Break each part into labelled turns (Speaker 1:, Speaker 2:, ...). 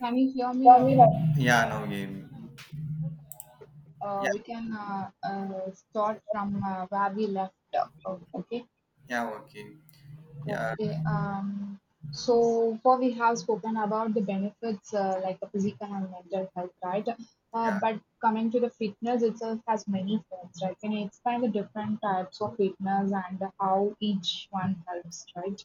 Speaker 1: Can you hear me,
Speaker 2: Yeah,
Speaker 1: right?
Speaker 2: me neither. Yeah, no game. Yeah,
Speaker 1: We can start from where we left off, okay.
Speaker 2: yeah, okay. Yeah,
Speaker 1: Okay. So far we have spoken about the benefits like the physical and mental health, right?
Speaker 2: yeah,
Speaker 1: But coming to the fitness itself has many forms, right? Can you explain the different types of fitness and how each one helps, right?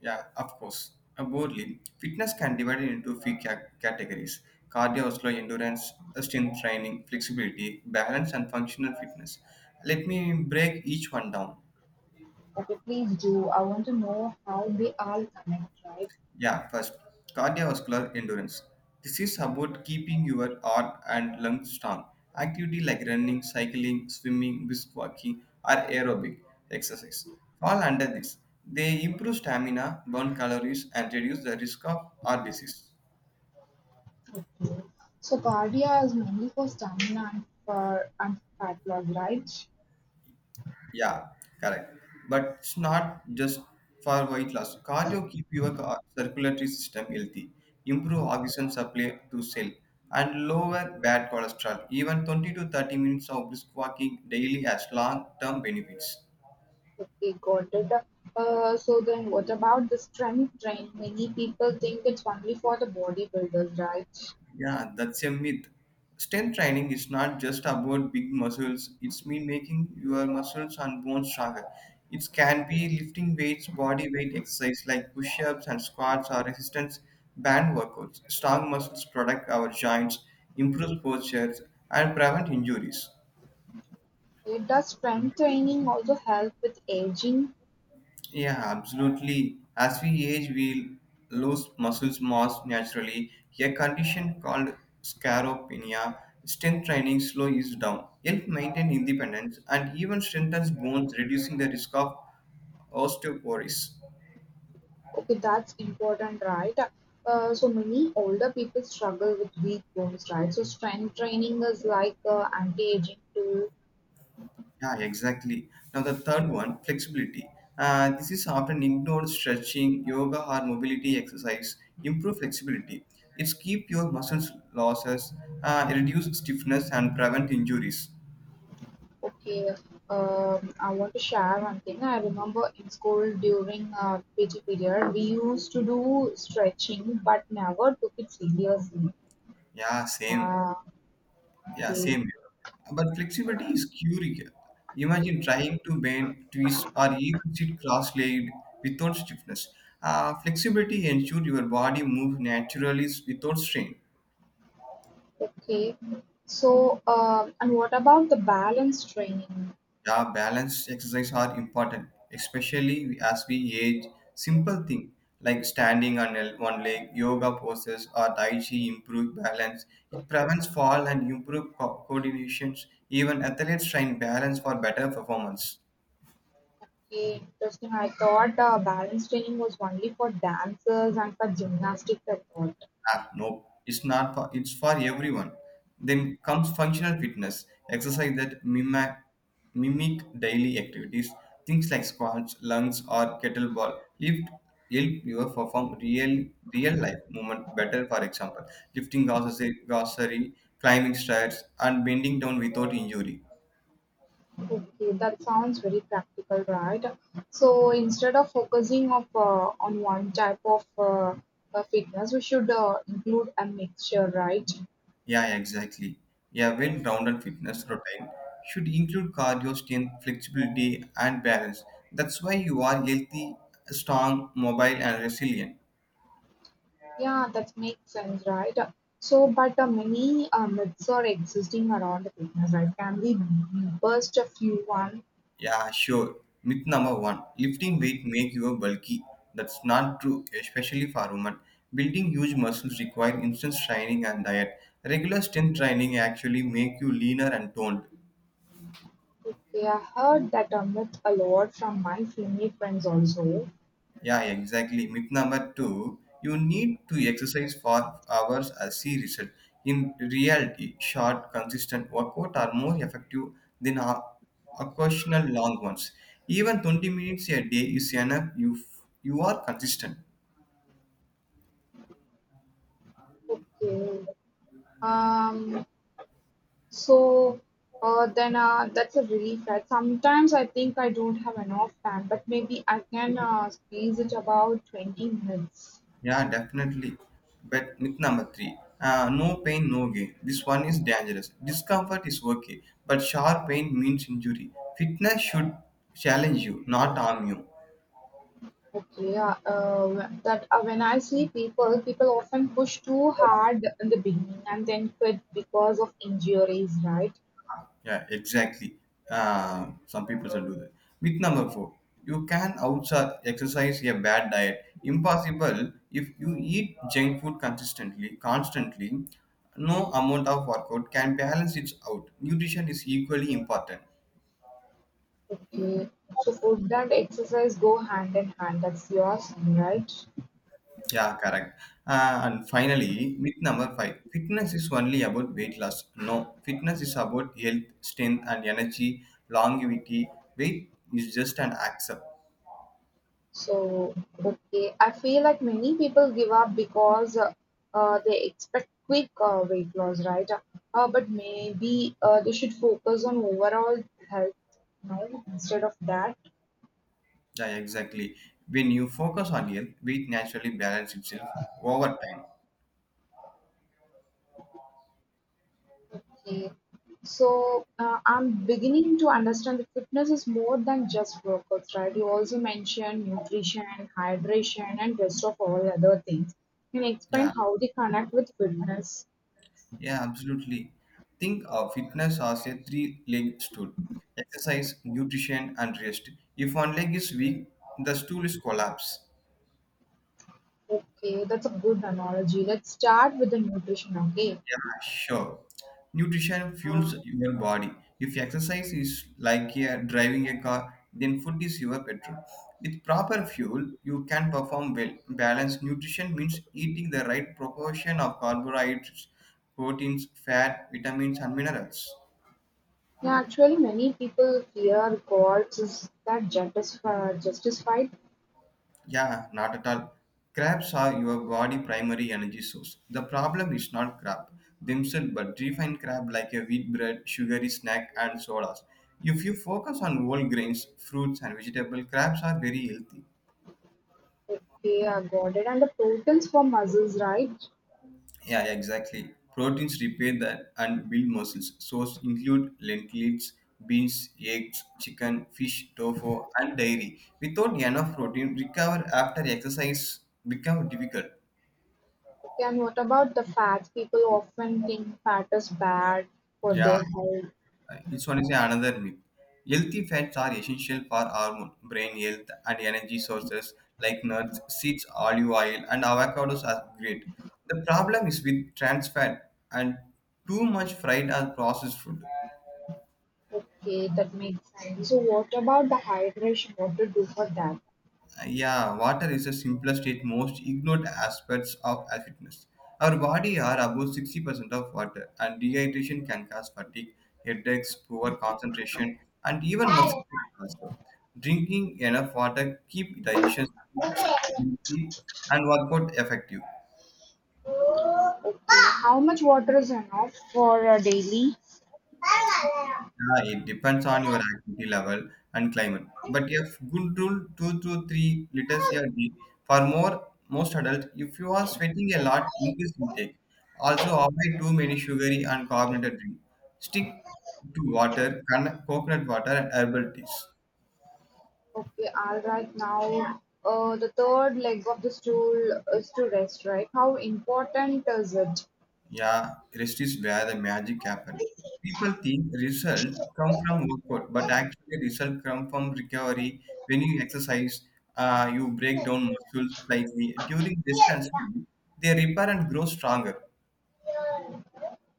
Speaker 2: yeah, of course. Broadly, fitness can divide it into three categories: cardiovascular endurance, strength training, flexibility, balance, and functional fitness. Let me break each one down.
Speaker 1: Okay, please do. I want to know how they all connect, right?
Speaker 2: Yeah, first, cardiovascular endurance. This is about keeping your heart and lungs strong. Activity like running, cycling, swimming, brisk walking, or aerobic exercise fall under this. They improve stamina, burn calories, and reduce the risk of heart disease.
Speaker 1: Okay, so cardio is mainly for stamina and for and fat loss, right?
Speaker 2: Yeah, correct. But it's not just for weight loss. Cardio keep your circulatory system healthy, improve oxygen supply to cell, and lower bad cholesterol. Even 20 to 30 minutes of brisk walking daily has long-term benefits.
Speaker 1: Okay, got it. So then what about the strength training? Many people think it's only for the bodybuilders, right?
Speaker 2: Yeah, that's a myth. Strength training is not just about big muscles, it's mean making your muscles and bones stronger. It can be lifting weights, body weight exercise like push ups and squats, or resistance band workouts. Strong muscles protect our joints, improve posture, and prevent injuries.
Speaker 1: Does strength training also help with aging?
Speaker 2: Yeah, absolutely. As we age, we lose muscles mass naturally. A condition called scaropenia, strength training slows down, help maintain independence, and even strengthens bones, reducing the risk of osteoporosis.
Speaker 1: Okay, that's important, right? So many older people struggle with weak bones, right? So strength training is like anti-aging tool.
Speaker 2: Yeah, exactly. Now the third one, flexibility. This is often ignored. Stretching, yoga, or mobility exercise improve flexibility. It's keep your muscles losses, reduce stiffness, and prevent injuries.
Speaker 1: Okay, I want to share one thing. I remember in school during PT period, we used to do stretching, but never took it seriously.
Speaker 2: Yeah, same.
Speaker 1: Ah,
Speaker 2: Yeah,
Speaker 1: okay,
Speaker 2: same. But flexibility is curious. Imagine trying to bend, twist, or even sit cross-legged without stiffness. Flexibility ensures your body moves naturally without strain.
Speaker 1: okay. So, and what about the balance training?
Speaker 2: Yeah, balance exercise are important, especially as we age. Simple thing like standing on one leg, yoga poses, or tai chi improve balance. It prevents fall and improve coordinations. Even athletes train balance for better performance.
Speaker 1: Okay, interesting. I thought balance training was only for dancers and for gymnastics, I thought.
Speaker 2: Ah, no, it's not for, it's for everyone. Then comes functional fitness, exercise that mimic daily activities. Things like squats, lunges, or kettlebell lift help you perform real life movement better. For example, lifting grocery, climbing stairs, and bending down without injury.
Speaker 1: Okay, that sounds very practical, right? So instead of focusing of on one type of fitness, we should include a mixture, right?
Speaker 2: Yeah, exactly. Yeah, well-rounded fitness routine should include cardio, strength, flexibility, and balance. That's why you are healthy, strong, mobile, and resilient.
Speaker 1: Yeah, that makes sense, right? So, but many myths are existing around the fitness, right? Can we burst a few one?
Speaker 2: Yeah, sure. Myth number one: lifting weight make you bulky. That's not true, especially for women. Building huge muscles require instant training and diet. Regular strength training actually make you leaner and toned.
Speaker 1: Okay, I heard that myth a lot from my female friends also.
Speaker 2: Yeah, exactly. Myth number two, you need to exercise for hours as see result. In reality, short, consistent workout are more effective than occasional long ones. Even 20 minutes a day is enough if you are consistent.
Speaker 1: Okay. Um, So, then that's a relief, right? Sometimes I think I don't have enough time, but maybe I can squeeze it about 20 minutes.
Speaker 2: Yeah, definitely. But myth number three, no pain, no gain. This one is dangerous. Discomfort is okay, but sharp pain means injury. Fitness should challenge you, not harm you.
Speaker 1: Okay, that when I see people often push too hard in the beginning and then quit because of injuries, right?
Speaker 2: Yeah, exactly. Some people will do that. Myth number four, you can outside exercise a bad diet. Impossible if you eat junk food consistently, constantly. No amount of workout can balance it out. Nutrition is equally important.
Speaker 1: Okay, so food and exercise go hand in hand. That's yours, right?
Speaker 2: Yeah, correct. And finally, myth number five, fitness is only about weight loss. No, fitness is about health, strength, and energy, longevity. Weight is just an accept.
Speaker 1: So, okay, I feel like many people give up because they expect quick weight loss, right? But maybe they should focus on overall health now instead of that.
Speaker 2: Yeah, exactly. When you focus on health, weight naturally balances itself over time.
Speaker 1: Okay, so I'm beginning to understand that fitness is more than just workouts, right? You also mentioned nutrition, hydration, and rest of all other things. Can you explain
Speaker 2: Yeah,
Speaker 1: how they connect with fitness?
Speaker 2: yeah, absolutely. Think of fitness as a three-leg stool. Exercise, nutrition, and rest. If one leg is weak, the stool is collapse.
Speaker 1: Okay, that's a good analogy. Let's start with the nutrition, okay?
Speaker 2: Yeah, sure. Nutrition
Speaker 1: Uh,
Speaker 2: fuels your body. If exercise is like a, driving a car, then food is your petrol. With proper fuel, you can perform well. Balanced nutrition means eating the right proportion of carbohydrates, proteins, fat, vitamins, and minerals.
Speaker 1: yeah, actually, many people fear gods is that justify, justified.
Speaker 2: Yeah, not at all. Crabs are your body primary energy source. The problem is not crab themselves, but refined crab like a wheat bread, sugary snack, and sodas. If you focus on whole grains, fruits, and vegetable, crabs are very healthy.
Speaker 1: Okay, are goaded and the proteins for muscles, right?
Speaker 2: Yeah, exactly. Proteins repair that and build muscles. Source include lentils, beans, eggs, chicken, fish, tofu, and dairy. Without enough protein, recover after exercise become difficult.
Speaker 1: Okay, and what about the fats? People often think fat is bad for
Speaker 2: Yeah,
Speaker 1: their health.
Speaker 2: uh, this one is another myth. Healthy fats are essential for hormone, brain health, and energy sources like nuts, seeds, olive oil, and avocados are great. The problem is with trans fat and too much fried or processed food.
Speaker 1: Okay, that makes sense. So, what about the hydration? What to do for that?
Speaker 2: Yeah, water is the simplest yet most ignored aspects of fitness. Our body are about 60% of water, and dehydration can cause fatigue, headaches, poor concentration, and even muscle cramp also. Drinking enough water keep digestion
Speaker 1: Okay,
Speaker 2: healthy and workout effective.
Speaker 1: how much water is enough for a daily?
Speaker 2: Yeah, it depends on your activity level and climate. But if good rule 2 to 3 liters a day for more most adults. If you are sweating a lot, increase intake. Also avoid too many sugary and carbonated drink. Stick to water, coconut water and herbal teas.
Speaker 1: Okay, all right. Now, the third leg of the stool is to rest, right? How important is it?
Speaker 2: Yeah, rest is where the magic happens. People think result come from workout, but actually result come from recovery. When you exercise, you break down muscles slightly. During distance, they repair and grow stronger.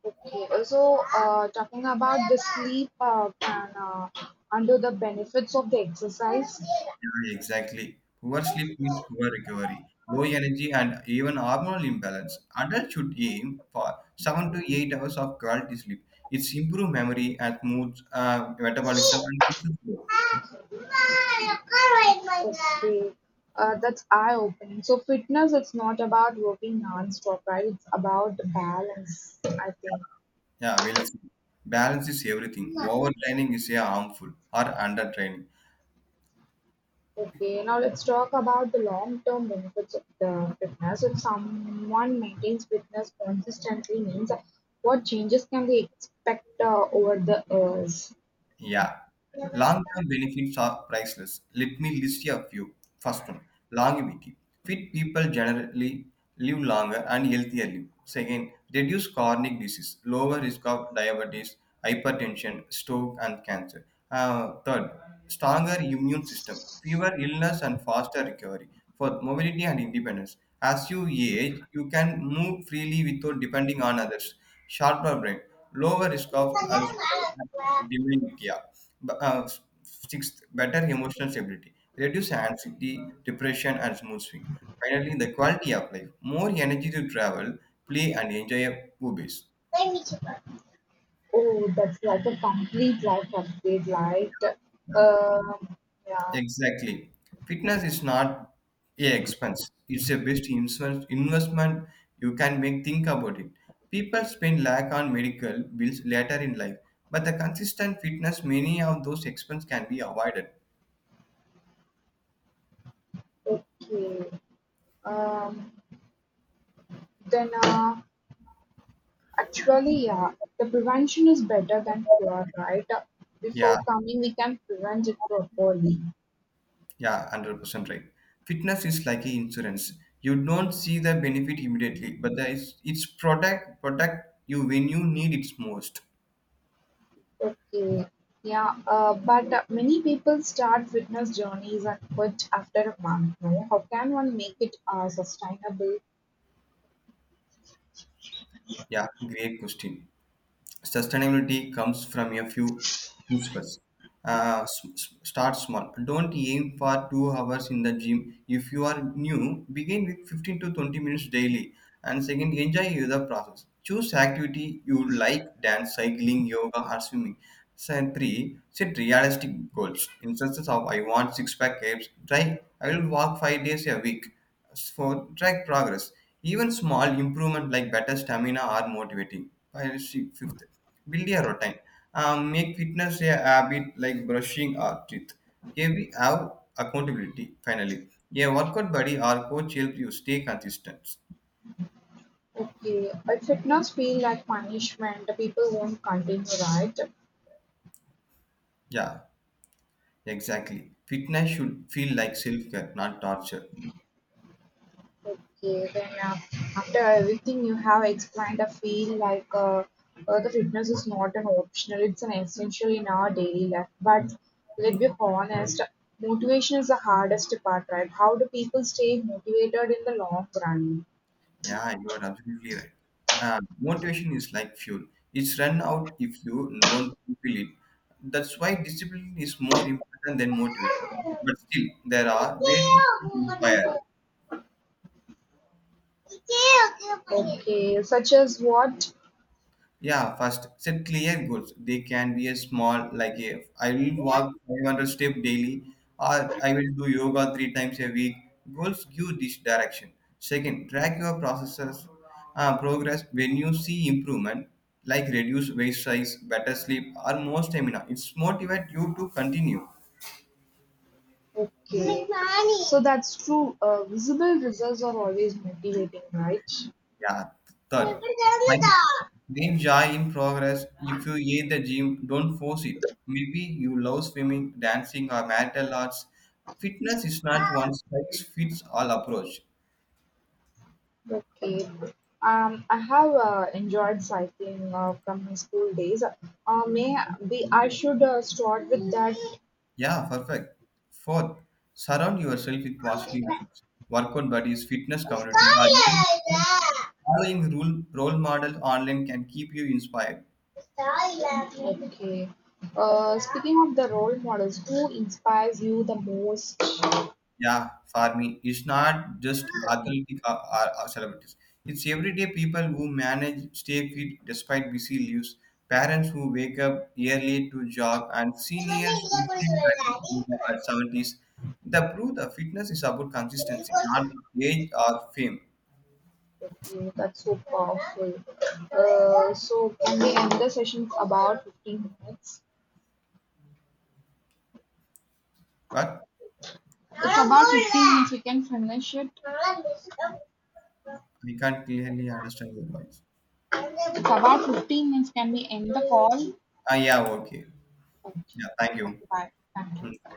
Speaker 1: Okay. Also, talking about the sleep and under the benefits of the exercise.
Speaker 2: Yeah, exactly. Poor sleep means poor recovery, low energy, and even hormonal imbalance. Adults should aim for 7 to 8 hours of quality sleep. It's improve memory and mood, metabolism, and
Speaker 1: Okay,
Speaker 2: muscle growth.
Speaker 1: us. That's eye-opening. So fitness, it's not about working non-stop, right? It's about the balance, I think.
Speaker 2: Yeah, well, see, balance is everything. Overtraining is yeah, harmful or undertraining.
Speaker 1: Okay, now let's talk about the long-term benefits of the fitness. If someone maintains fitness consistently, means what changes can they expect over the years?
Speaker 2: Yeah. Long-term benefits are priceless. Let me list you a few. First one, longevity. Fit people generally live longer and healthier live. Second, reduce chronic disease, lower risk of diabetes, hypertension, stroke, and cancer. Third, stronger immune system, fewer illness and faster recovery. Fourth, mobility and independence. As you age, you can move freely without depending on others. Sharper brain, lower risk of Alzheimer's during yeah B- uh, sixth, better emotional stability, reduce anxiety, depression and smooth swing. Finally, the quality of life, more energy to travel, play and enjoy your hobbies.
Speaker 1: Oh, that's like a complete life update, like,
Speaker 2: Yeah,
Speaker 1: um, yeah,
Speaker 2: exactly, fitness is not a expense, it's a best investment you can make. Think about it, people spend lack on medical bills later in life, but the consistent fitness many of those expenses can be avoided,
Speaker 1: okay. Um, then, actually, yeah, the prevention is better than cure, right?
Speaker 2: yeah.
Speaker 1: Before coming, we can prevent it properly.
Speaker 2: Yeah, 100% right. Fitness is like a insurance. You don't see the benefit immediately, but it's protect you when you need it most.
Speaker 1: Okay, yeah, but many people start fitness journeys and quit after a month. No? How can one make it sustainable?
Speaker 2: Yeah, great question. Sustainability comes from a few principles. S- s- start small. Don't aim for 2 hours in the gym. If you are new, begin with 15 to 20 minutes daily. And second, enjoy the process. Choose activity you like: dance, cycling, yoga, or swimming. So three, set realistic goals. Instances of I want six pack abs. Try I will walk 5 days a week for track progress. Even small improvement like better stamina are motivating. Fifth, build a routine. Make fitness a habit like brushing or teeth. Here we have accountability. Finally, a workout buddy or coach help you stay consistent.
Speaker 1: Okay, if fitness feel like punishment, the people won't continue, right?
Speaker 2: Yeah, exactly. Fitness should feel like self care, not torture.
Speaker 1: Okay, then after everything you have explained, I feel like the fitness is not an optional, it's an essential in our daily life. But let's be honest, motivation is the hardest part, right? How do people stay motivated in the long run?
Speaker 2: Yeah, you are absolutely right. Motivation is like fuel. It's run out if you don't fulfill it. That's why discipline is more important than motivation. But still, there are ways to inspire.
Speaker 1: Okay, such as what?
Speaker 2: Yeah, first set clear goals. They can be a small, like a, I will walk 500 steps daily, or I will do yoga three times a week. Goals give this direction. Second, track your progress. When you see improvement, like reduce waist size, better sleep, or more stamina, it's motivate you to continue.
Speaker 1: Okay, so that's true. Visible results are always motivating, right?
Speaker 2: Yeah. Third, mind, find joy in progress. If you hate the gym, don't force it. Maybe you love swimming, dancing, or martial arts. Fitness is not one size fits all approach.
Speaker 1: Okay. I have enjoyed cycling from my school days. May be I should start with that.
Speaker 2: Yeah, perfect. Fourth, surround yourself with positive influence. Workout buddies, fitness community, or even following role model online can keep you inspired.
Speaker 1: Okay. Speaking of the role models, who inspires you the most?
Speaker 2: Yeah, for me, it's not just athletic or celebrities. It's everyday people who manage stay fit despite busy lives, parents who wake up early to jog, and seniors who still practice yoga at 70s. The proof the fitness is about consistency, not age or fame.
Speaker 1: Okay, that's so powerful. So can we end the session about 15 minutes?
Speaker 2: But
Speaker 1: It's about 15 minutes. We can finish it.
Speaker 2: I can't clearly understand your voice.
Speaker 1: It's about 15 minutes. Can we end the call?
Speaker 2: Ah, yeah, okay.
Speaker 1: Okay,
Speaker 2: Yeah, thank you.
Speaker 1: okay, bye. Thank
Speaker 2: Mm.
Speaker 1: you.